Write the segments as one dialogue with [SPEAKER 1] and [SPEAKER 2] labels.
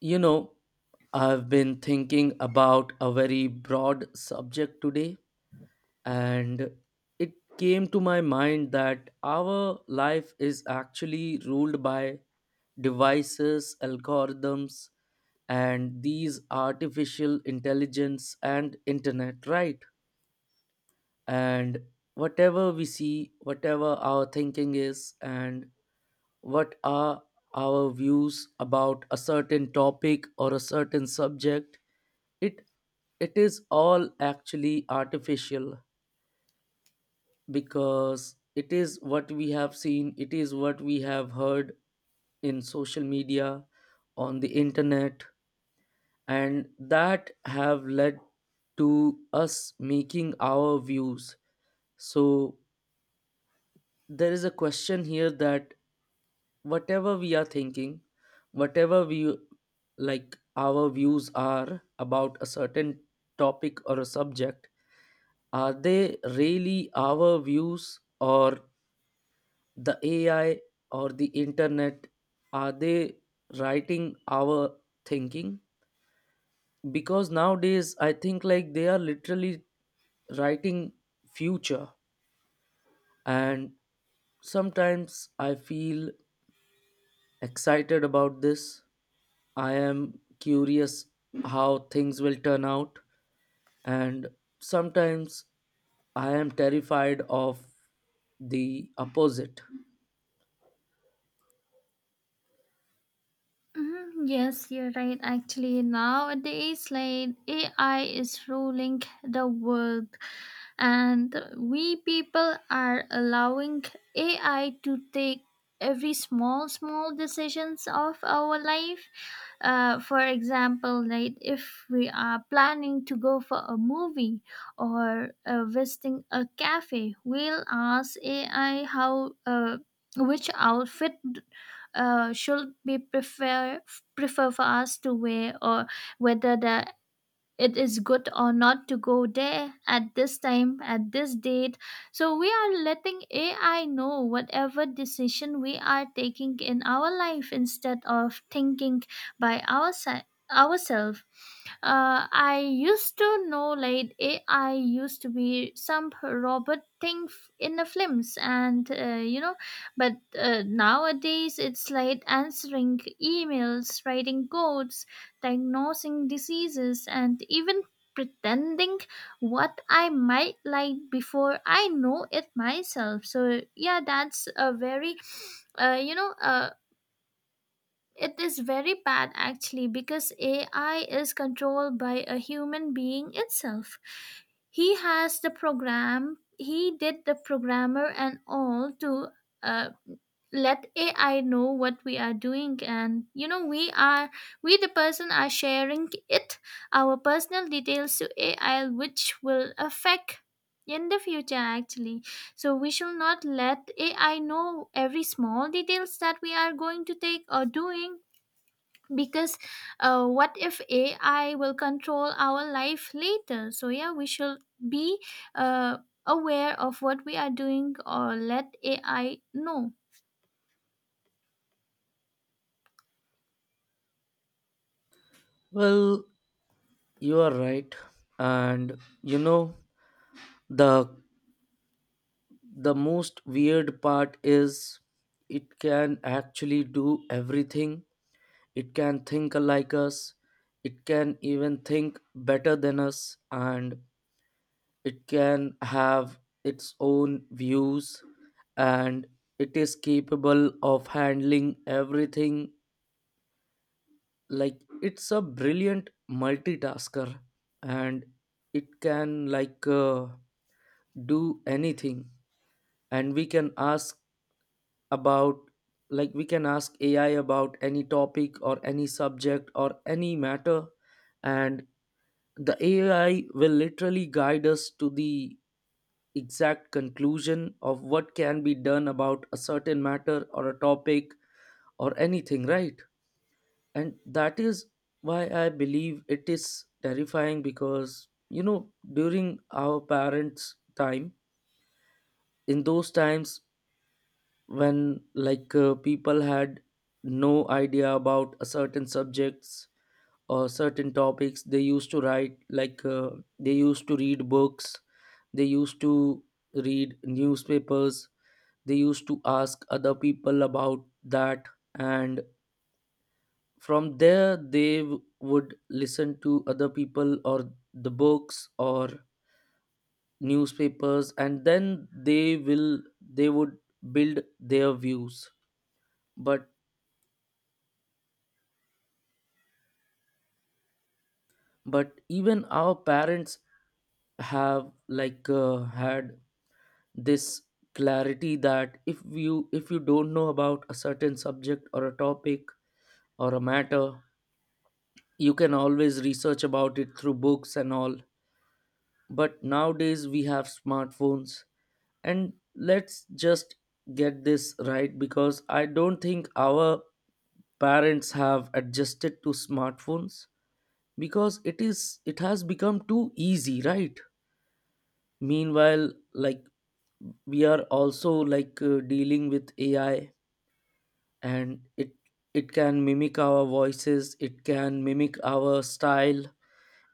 [SPEAKER 1] You know, I've been thinking about a very broad subject today, and it came to my mind that our life is actually ruled by devices, algorithms, and these artificial intelligence and internet, right? And whatever we see, whatever our thinking is, and what are our views about a certain topic or a certain subject it it is all actually artificial because it is what we have seen, it is what we have heard in social media, on the internet, and that have led to us making our views. So there is a question here that whatever we are thinking, whatever we like our views are about a certain topic or a subject, are they really our views or the AI or the internet? Are they writing our thinking? Because nowadays I think like they are literally writing future, and sometimes I feel excited about this. I am curious how things will turn out, and sometimes I am terrified of the opposite.
[SPEAKER 2] Mhm, Yes, you're right. Actually, nowadays, like AI is ruling the world, and we people are allowing AI to take every small, small decisions of our life. For example, like if we are planning to go for a movie or visiting a cafe, we'll ask AI how. Which outfit should be prefer for us to wear, or whether the it is good or not to go there at this time, at this date. So we are letting AI know whatever decision we are taking in our life instead of thinking by ourselves. Ourselves, I used to know like AI used to be some robot thing in the films, but nowadays it's like answering emails, writing codes, diagnosing diseases, and even pretending what I might like before I know it myself. So, yeah, that's a very, you know, it is very bad actually because AI is controlled by a human being itself. He has the program, he did the programmer and all to uh, let AI know what we are doing, and you know we are we the person are sharing it, our personal details to AI, which will affect in the future actually. So we shall not let AI know every small details that we are going to take or doing, because what if AI will control our life later? So yeah, we should be uh, aware of what we are doing or let AI know.
[SPEAKER 1] Well, you are right. And you know, the the most weird part is it can actually do everything. It can think like us. It can even think better than us, and it can have its own views, and it is capable of handling everything, like it's a brilliant multitasker, and it can do anything. And we can ask about like we can ask ai about any topic or any subject or any matter, and the ai will literally guide us to the exact conclusion of what can be done about a certain matter or a topic or anything, right? And that is why I believe it is terrifying, because you know, during our parents time, in those times, when people had no idea about a certain subjects or certain topics, they used to write they used to read books, they used to read newspapers, they used to ask other people about that, and from there they would listen to other people or the books or newspapers, and then they would build their views. but but even our parents have had this clarity, that if you don't know about a certain subject or a topic or a matter, you can always research about it through books and all. But nowadays we have smartphones, and let's just get this right, because I don't think our parents have adjusted to smartphones, because it has become too easy, right? Meanwhile, like we are also dealing with ai, and it can mimic our voices, it can mimic our style,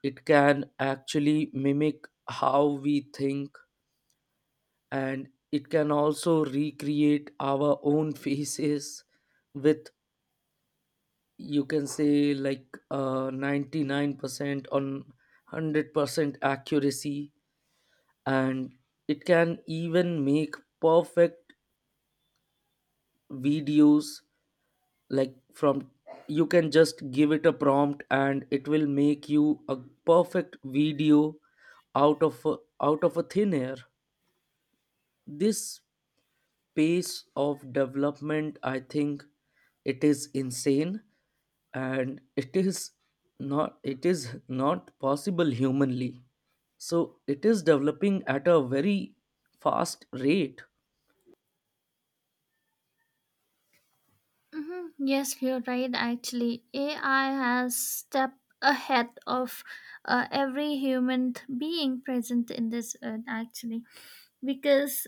[SPEAKER 1] it can actually mimic how we think, and it can also recreate our own faces with, you can say, 99% on 100% accuracy. And it can even make perfect videos, like from, you can just give it a prompt and it will make you a perfect video out out of a thin air. This pace of development, I think, it is insane, and it is not possible humanly, so it is developing at a very fast rate.
[SPEAKER 2] Hmm, Yes, you're right. Actually, AI has stepped ahead of every human being present in this earth. Actually, because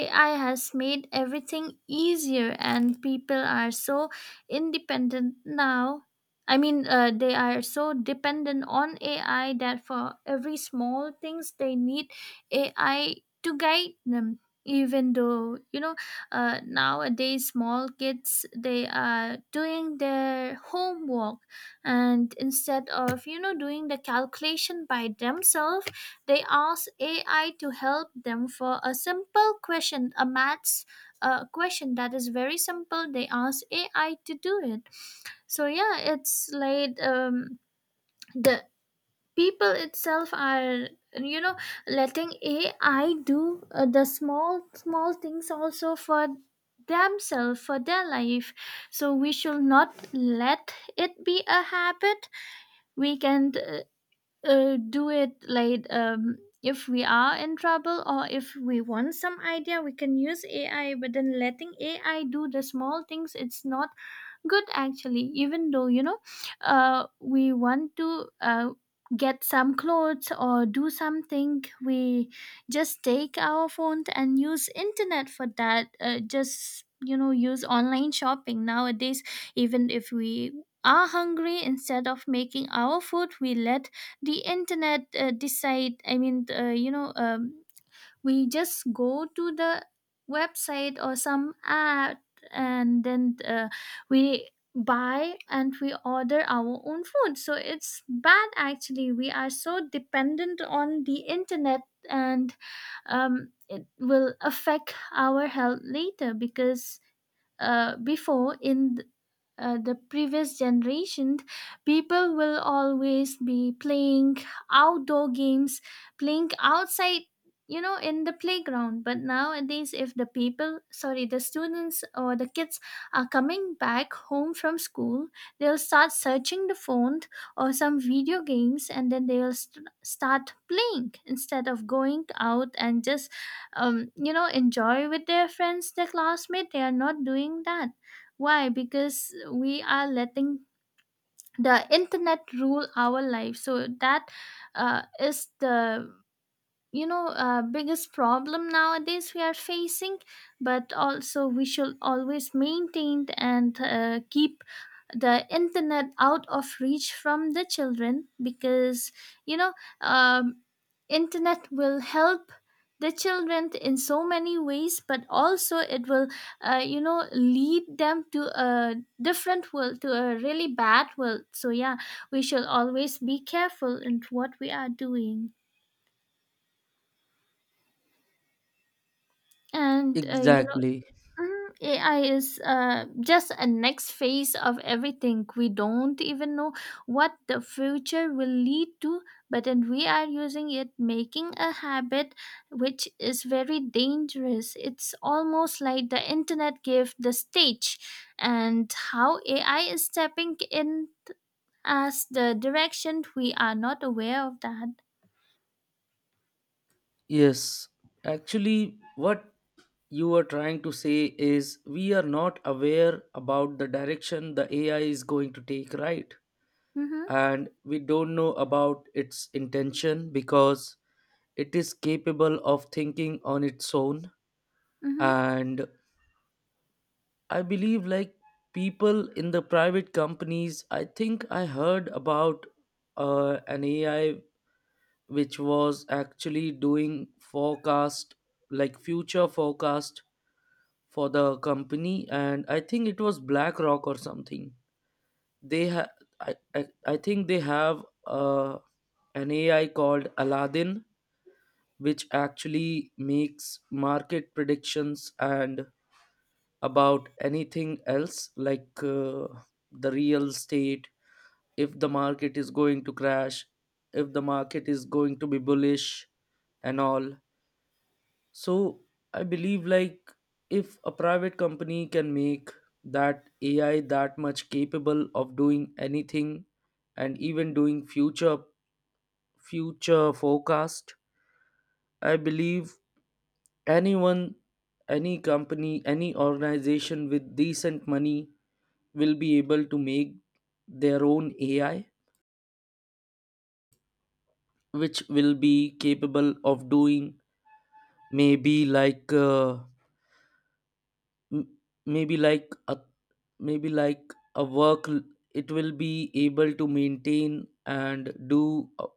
[SPEAKER 2] AI has made everything easier and people are so independent now. I mean, they are so dependent on AI that for every small things they need AI to guide them. Even though you know, nowadays small kids, they are doing their homework, and instead of you know doing the calculation by themselves, they ask AI to help them for a simple question, a maths question that is very simple. They ask AI to do it. So yeah, it's like the people itself are, you know, letting AI do the small small things also for themselves for their life. So we should not let it be a habit. We can do it like if we are in trouble or if we want some idea, we can use ai, but then letting ai do the small things, it's not good actually. Even though you know, we want to get some clothes or do something, we just take our phone and use internet for that. Just, you know, use online shopping nowadays. Even if we are hungry, instead of making our food, we let the internet decide. I mean, you know, we just go to the website or some app, and then we buy and we order our own food. So it's bad actually. We are so dependent on the internet. And it will affect our health later, because before, in the previous generation, people will always be playing outdoor games, playing outside, you know, in the playground. But nowadays, if the people, sorry, the students or the kids are coming back home from school, they'll start searching the phone or some video games, and then they'll start playing instead of going out and just you know, enjoy with their friends, their classmates. They are not doing that. Why? Because we are letting the internet rule our life. So that is the, you know, biggest problem nowadays we are facing. But also we should always maintain and keep the internet out of reach from the children, because you know um, internet will help the children in so many ways, but also it will you know, lead them to a different world, to a really bad world. So yeah, we should always be careful in what we are doing, and you know.
[SPEAKER 1] Exactly.
[SPEAKER 2] Mhm. AI is just a next phase of everything. We don't even know what the future will lead to, but then we are using it, making a habit, which is very dangerous. It's almost like the internet gave the stage, and how AI is stepping in as the direction we are not aware of that.
[SPEAKER 1] Yes, actually, what you are trying to say is we are not aware about the direction the AI is going to take, right?
[SPEAKER 2] Mm-hmm,
[SPEAKER 1] And we don't know about its intention, because it is capable of thinking on its own.
[SPEAKER 2] mm-hmm,
[SPEAKER 1] And I believe, like people in the private companies, I think I heard about an AI which was actually doing forecast, like future forecast for the company, and I think it was blackrock or something. they ha- I think they have an ai called aladdin, which actually makes market predictions and about anything else, like the real estate, if the market is going to crash, if the market is going to be bullish and all. So i believe, like if a private company can make that AI that much capable of doing anything and even doing future forecast, i believe anyone, any company, any organization with decent money will be able to make their own AI, which will be capable of doing maybe like m- maybe like a maybe like a work l- it will be able to maintain and do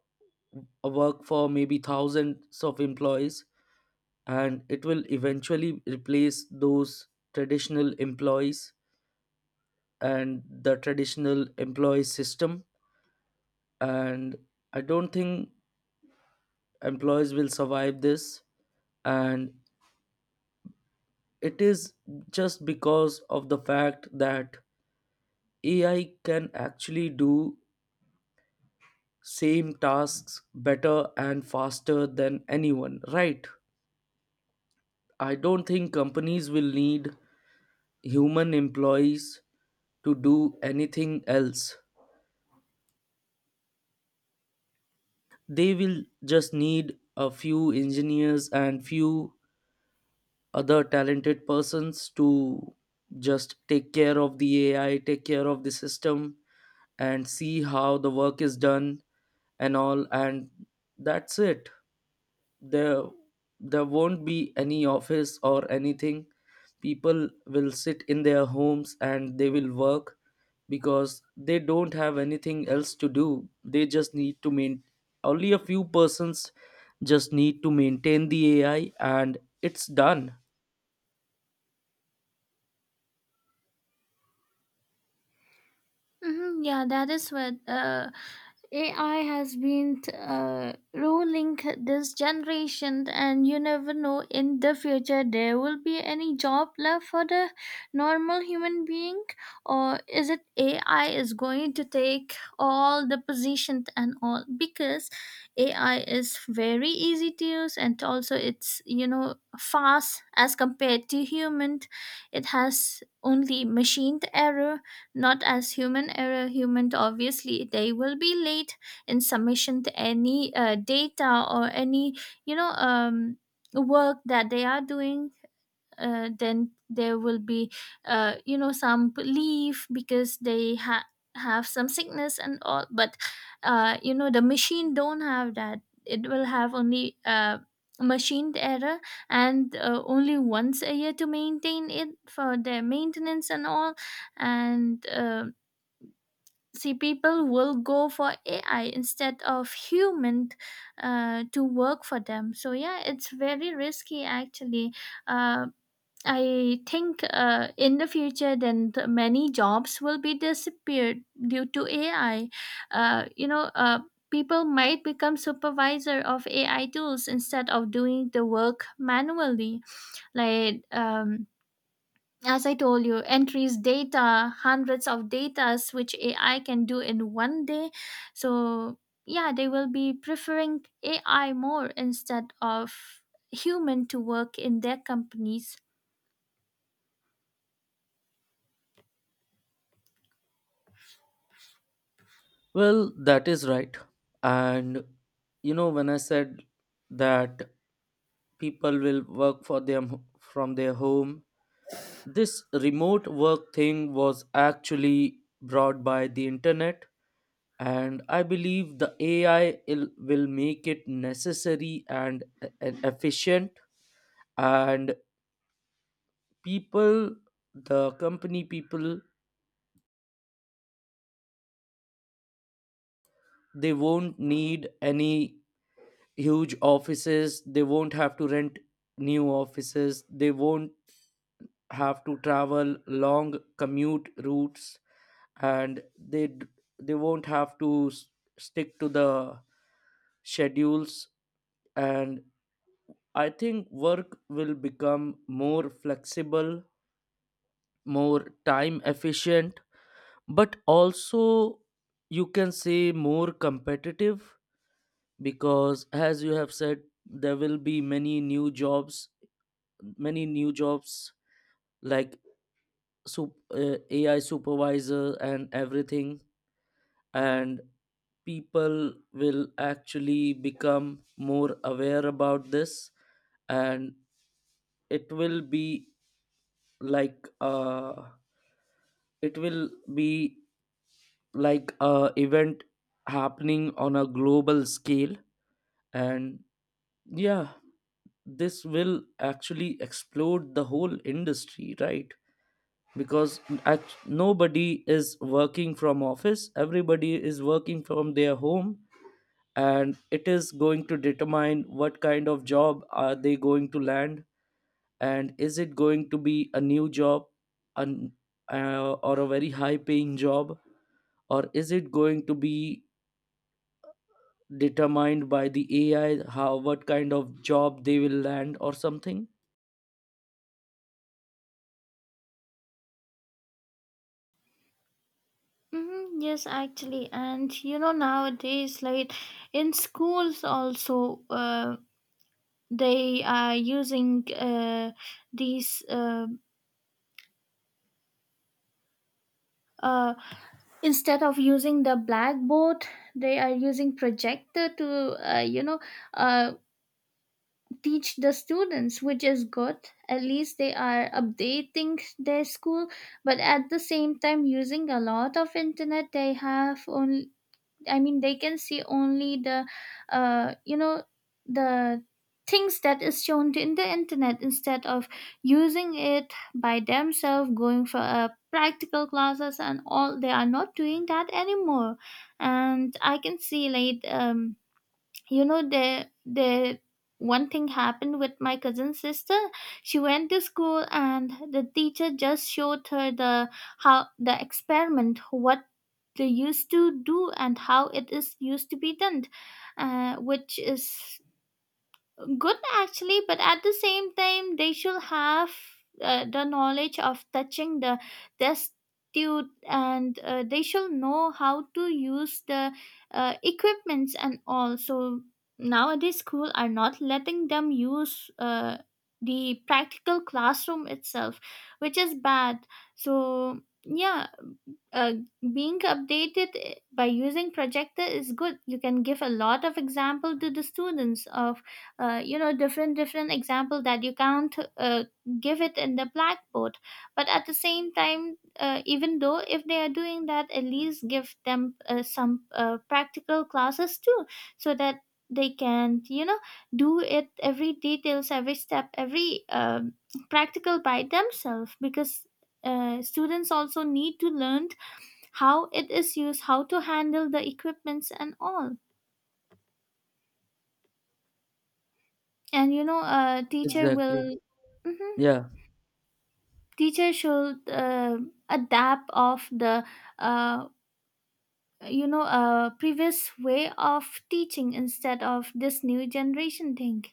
[SPEAKER 1] a work for maybe thousands of employees, and it will eventually replace those traditional employees and the traditional employee system. And I don't think employees will survive this, and it is just because of the fact that ai can actually do same tasks better and faster than anyone, right? I don't think companies will need human employees to do anything else. They will just need a few engineers and few other talented persons to just take care of the AI, take care of the system, and see how the work is done and all. And that's it. There there won't be any office or anything. People will sit in their homes and they will work, because they don't have anything else to do. They just need to main Only a few persons just need to maintain the ai and it's done.
[SPEAKER 2] mm-hmm. Yeah, that is what. AI has been ruling this generation, and you never know, in the future there will be any job left for the normal human being, or is it AI is going to take all the positions and all? Because AI is very easy to use, and also it's, you know, fast as compared to human. It has only machined error, not as human error. Human, obviously, they will be late in submission to any data or any, you know, work that they are doing. Then there will be you know, some leave because they have some sickness and all. But you know, the machine don't have that. It will have only machined error, and only once a year to maintain it for their maintenance and all. And see, people will go for ai instead of human to work for them. So yeah, it's very risky actually. uh, I think in the future, then the many jobs will be disappeared due to AI. You know, people might become supervisor of AI tools instead of doing the work manually. Like as I told you, entries, data, hundreds of datas which AI can do in one day. So yeah, they will be preferring AI more instead of human to work in their companies.
[SPEAKER 1] Well, that is right. And you know, when I said that people will work for them from their home, this remote work thing was actually brought by the internet, and I believe the AI will make it necessary and and efficient. And people, the company people, they won't need any huge offices, they won't have to rent new offices, they won't have to travel long commute routes, and they won't have to stick to the schedules. And I think work will become more flexible, more time efficient, but also, you can say, more competitive, because as you have said, there will be many new jobs, many new jobs, like AI supervisor and everything. And people will actually become more aware about this, and it will be like uh, it will be like a event happening on a global scale. And yeah, this will actually explode the whole industry, right? Because nobody is working from office, everybody is working from their home, and it is going to determine what kind of job are they going to land, and is it going to be a new job, an, or a very high paying job, or is it going to be determined by the ai how, what kind of job they will land or something.
[SPEAKER 2] Mm-hmm, yes, actually. And you know nowadays, like in schools also, they are using these uh, instead of using the blackboard, they are using projector to you know, uh, teach the students, which is good. At least they are updating their school, but at the same time using a lot of internet. They have only, I mean, they can see only the, you know, the things that is shown to in the internet instead of using it by themselves, going for practical classes and all. They are not doing that anymore, and I can see like you know, there one thing happened with my cousin's sister. She went to school and the teacher just showed her the, how the experiment, what they used to do and how it is used to be done, which is good actually. But at the same time, they should have the knowledge of touching the destitute, and they should know how to use the equipments and all. So nowadays school are not letting them use the practical classroom itself, which is bad. So yeah, uh, being updated, eh, by using projector is good. You can give a lot of example to the students of you know, different different example that you can't give it in the blackboard. But at the same time, even though if they are doing that, at least give them some practical classes too, so that they can, you know, do it, every details, every step, every practical by themselves, because students also need to learn how it is used, how to handle the equipments and all. And you know, teacher
[SPEAKER 1] Exactly.
[SPEAKER 2] will. Mhm.
[SPEAKER 1] Yeah.
[SPEAKER 2] Teacher should adapt of the, uh, you know, previous way of teaching instead of this new generation thing.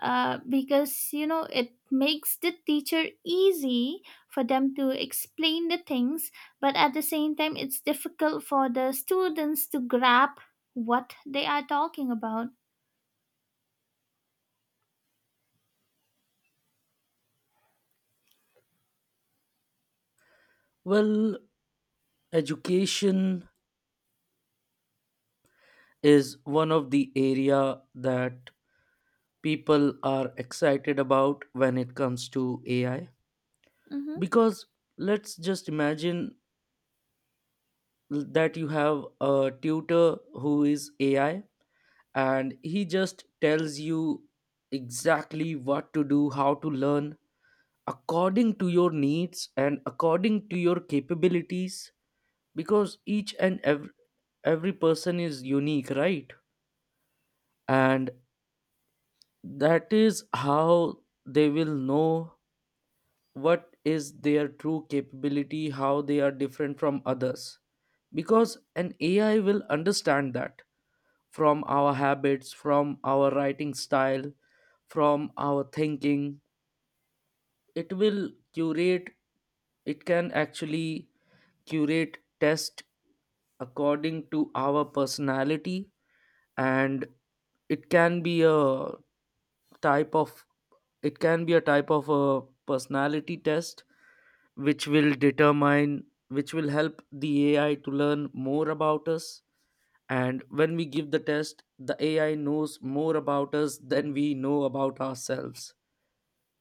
[SPEAKER 2] Because you know it makes the teacher easy for them to explain the things, but at the same time it's difficult for the students to grab what they are talking about.
[SPEAKER 1] Well, education is one of the area that people are excited about when it comes to AI,
[SPEAKER 2] Mhm.
[SPEAKER 1] because let's just imagine that you have a tutor who is AI, and he just tells you exactly what to do, how to learn, according to your needs and according to your capabilities. Because each and every person is unique, right? And that is how they will know what is their true capability, how they are different from others. Because an AI will understand that from our habits, from our writing style, from our thinking. It will curate, it can actually curate test according to our personality. And it can be a type of it can be a type of a personality test, which will determine, which will help the ai to learn more about us. And when we give the test, the ai knows more about us than we know about ourselves,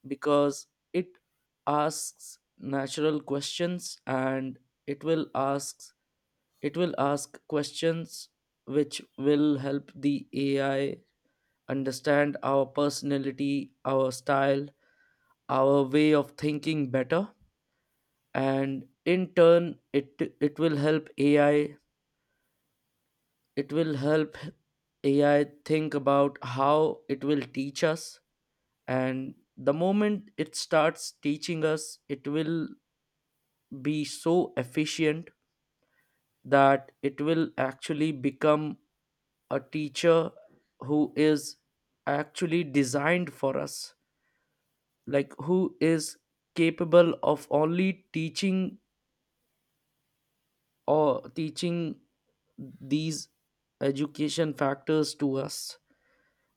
[SPEAKER 1] because it asks natural questions, and it will ask it will ask questions which will help the ai understand our personality, our style, our way of thinking better. And in turn, it will help ai, it will help ai think about how it will teach us. And the moment it starts teaching us, it will be so efficient that it will actually become a teacher who is actually designed for us, like who is capable of only teaching, or teaching these education factors to us,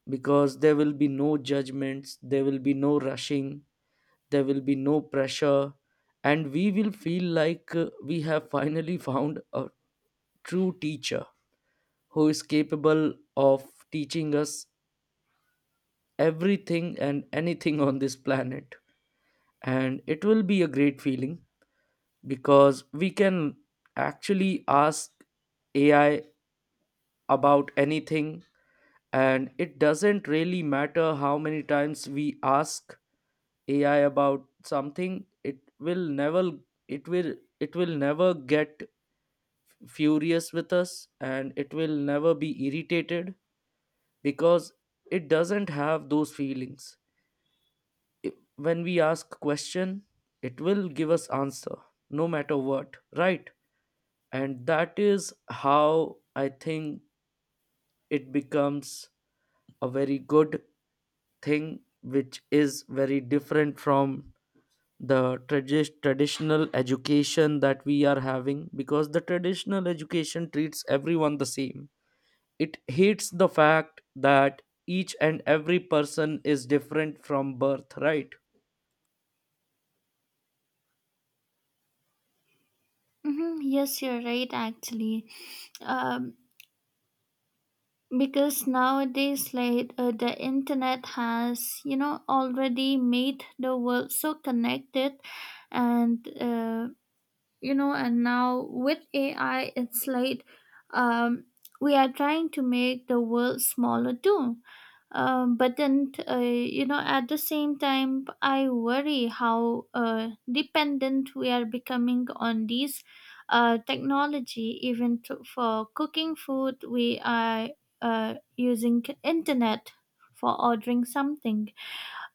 [SPEAKER 1] because there will be no judgments, there will be no rushing, there will be no pressure. And we will feel like we have finally found a true teacher who is capable of teaching us everything and anything on this planet. And it will be a great feeling, because we can actually ask ai about anything, and it doesn't really matter how many times we ask ai about something, it will never it will it will never get furious with us, and it will never be irritated, because it doesn't have those feelings. When we ask question, it will give us answer, no matter what, right? And that is how I think it becomes a very good thing, which is very different from the traditional education that we are having, because the traditional education treats everyone the same. It hates the fact that each and every person is different from birth, right?
[SPEAKER 2] Hmm, Yes, you're right, actually. Um, because nowadays, like the internet has, you know, already made the world so connected, and you know, and now with ai it's like um, we are trying to make the world smaller too. But then you know, at the same time I worry how dependent we are becoming on these technology, even to, for cooking food we are using internet for ordering something.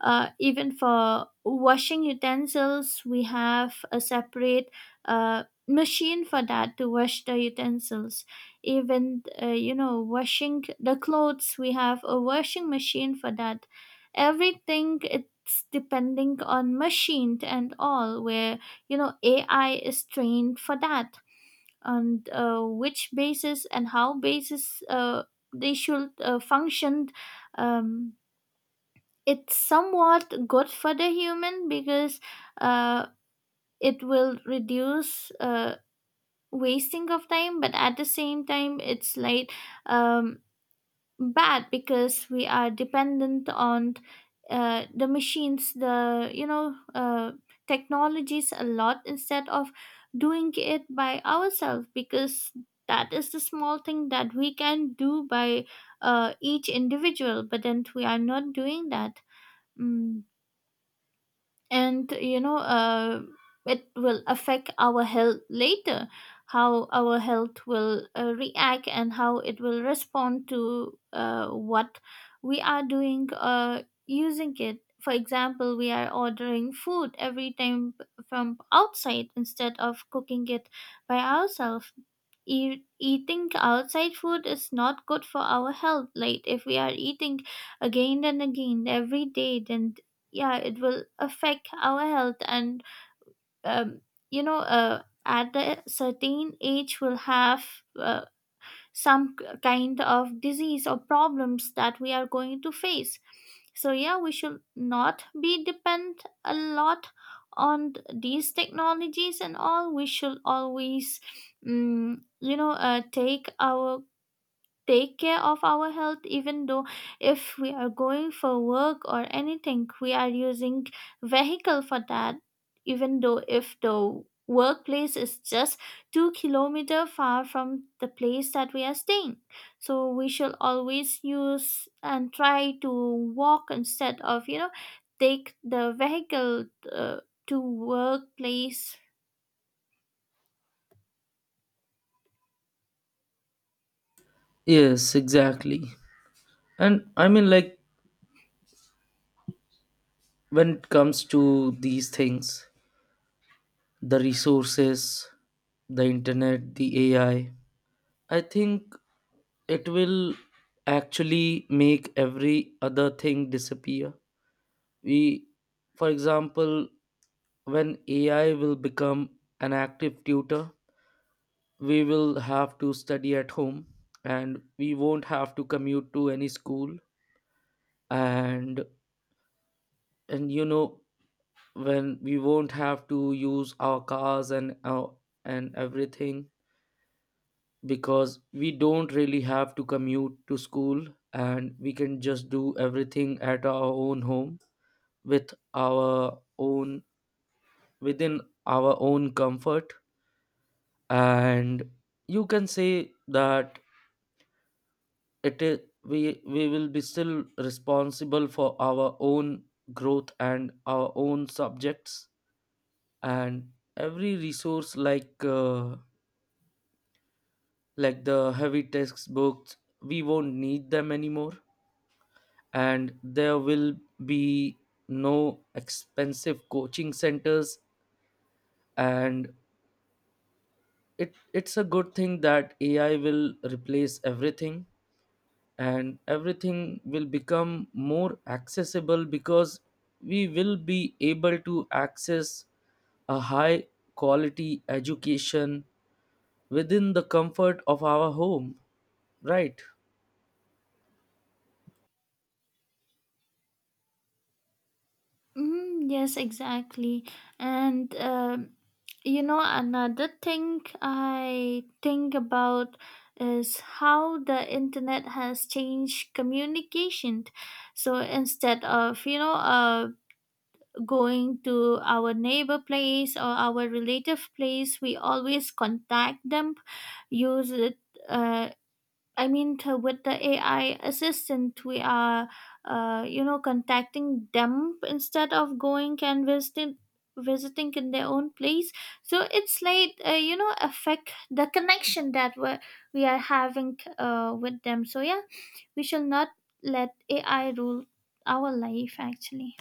[SPEAKER 2] Even for washing utensils, we have a separate machine for that to wash the utensils. Even, you know, washing the clothes, we have a washing machine for that. Everything, it's depending on machine and all, where, you know, AI is trained for that. On which basis and how basis they should function. um, it's somewhat good for the human, because uh, it will reduce wasting of time, but at the same time it's like um, bad, because we are dependent on the machines, the, you know, technologies a lot instead of doing it by ourselves, because that is the small thing that we can do by each individual, but then we are not doing that mm. And you know it will affect our health later. How our health will react and how it will respond to, what we are doing using it. For example, we are ordering food every time from outside instead of cooking it by ourselves. Eating outside food is not good for our health. Like if we are eating again and again every day, then yeah it will affect our health. And um, you know at a certain age we'll have uh, some kind of disease or problems that we are going to face. So yeah, we should not be depend a lot on these technologies and all. We should always, you know, take our, take care of our health. Even though if we are going for work or anything, we are using vehicle for that, even though if the workplace is just 2-kilometer far from the place that we are staying. So we should always use and try to walk instead of, you know, take the vehicle uh, to workplace.
[SPEAKER 1] Yes, exactly. And I mean, like, when it comes to these things, the resources, the internet, the ai, I think it will actually make every other thing disappear. We, for example, when ai will become an active tutor, we will have to study at home, and we won't have to commute to any school. and and you know, when we won't have to use our cars and everything, because we don't really have to commute to school, and we can just do everything at our own home, with our own, within our own comfort. And you can say that it is, we will be still responsible for our own growth and our own subjects. And every resource, like the heavy textbooks, we won't need them anymore. And there will be no expensive coaching centers. And it it's a good thing that ai will replace everything, and everything will become more accessible, because we will be able to access a high quality education within the comfort of our home, right?
[SPEAKER 2] Mm, yes, exactly. And you know, another thing I think about is how the internet has changed communication. So instead of, you know, going to our neighbor place or our relative place, we always contact them, use it. Uh, I mean, with the AI assistant, we are, you know, contacting them instead of going and visiting in their own place. So it's like you know, affect the connection that we are having with them. So yeah, we shall not let ai rule our life actually.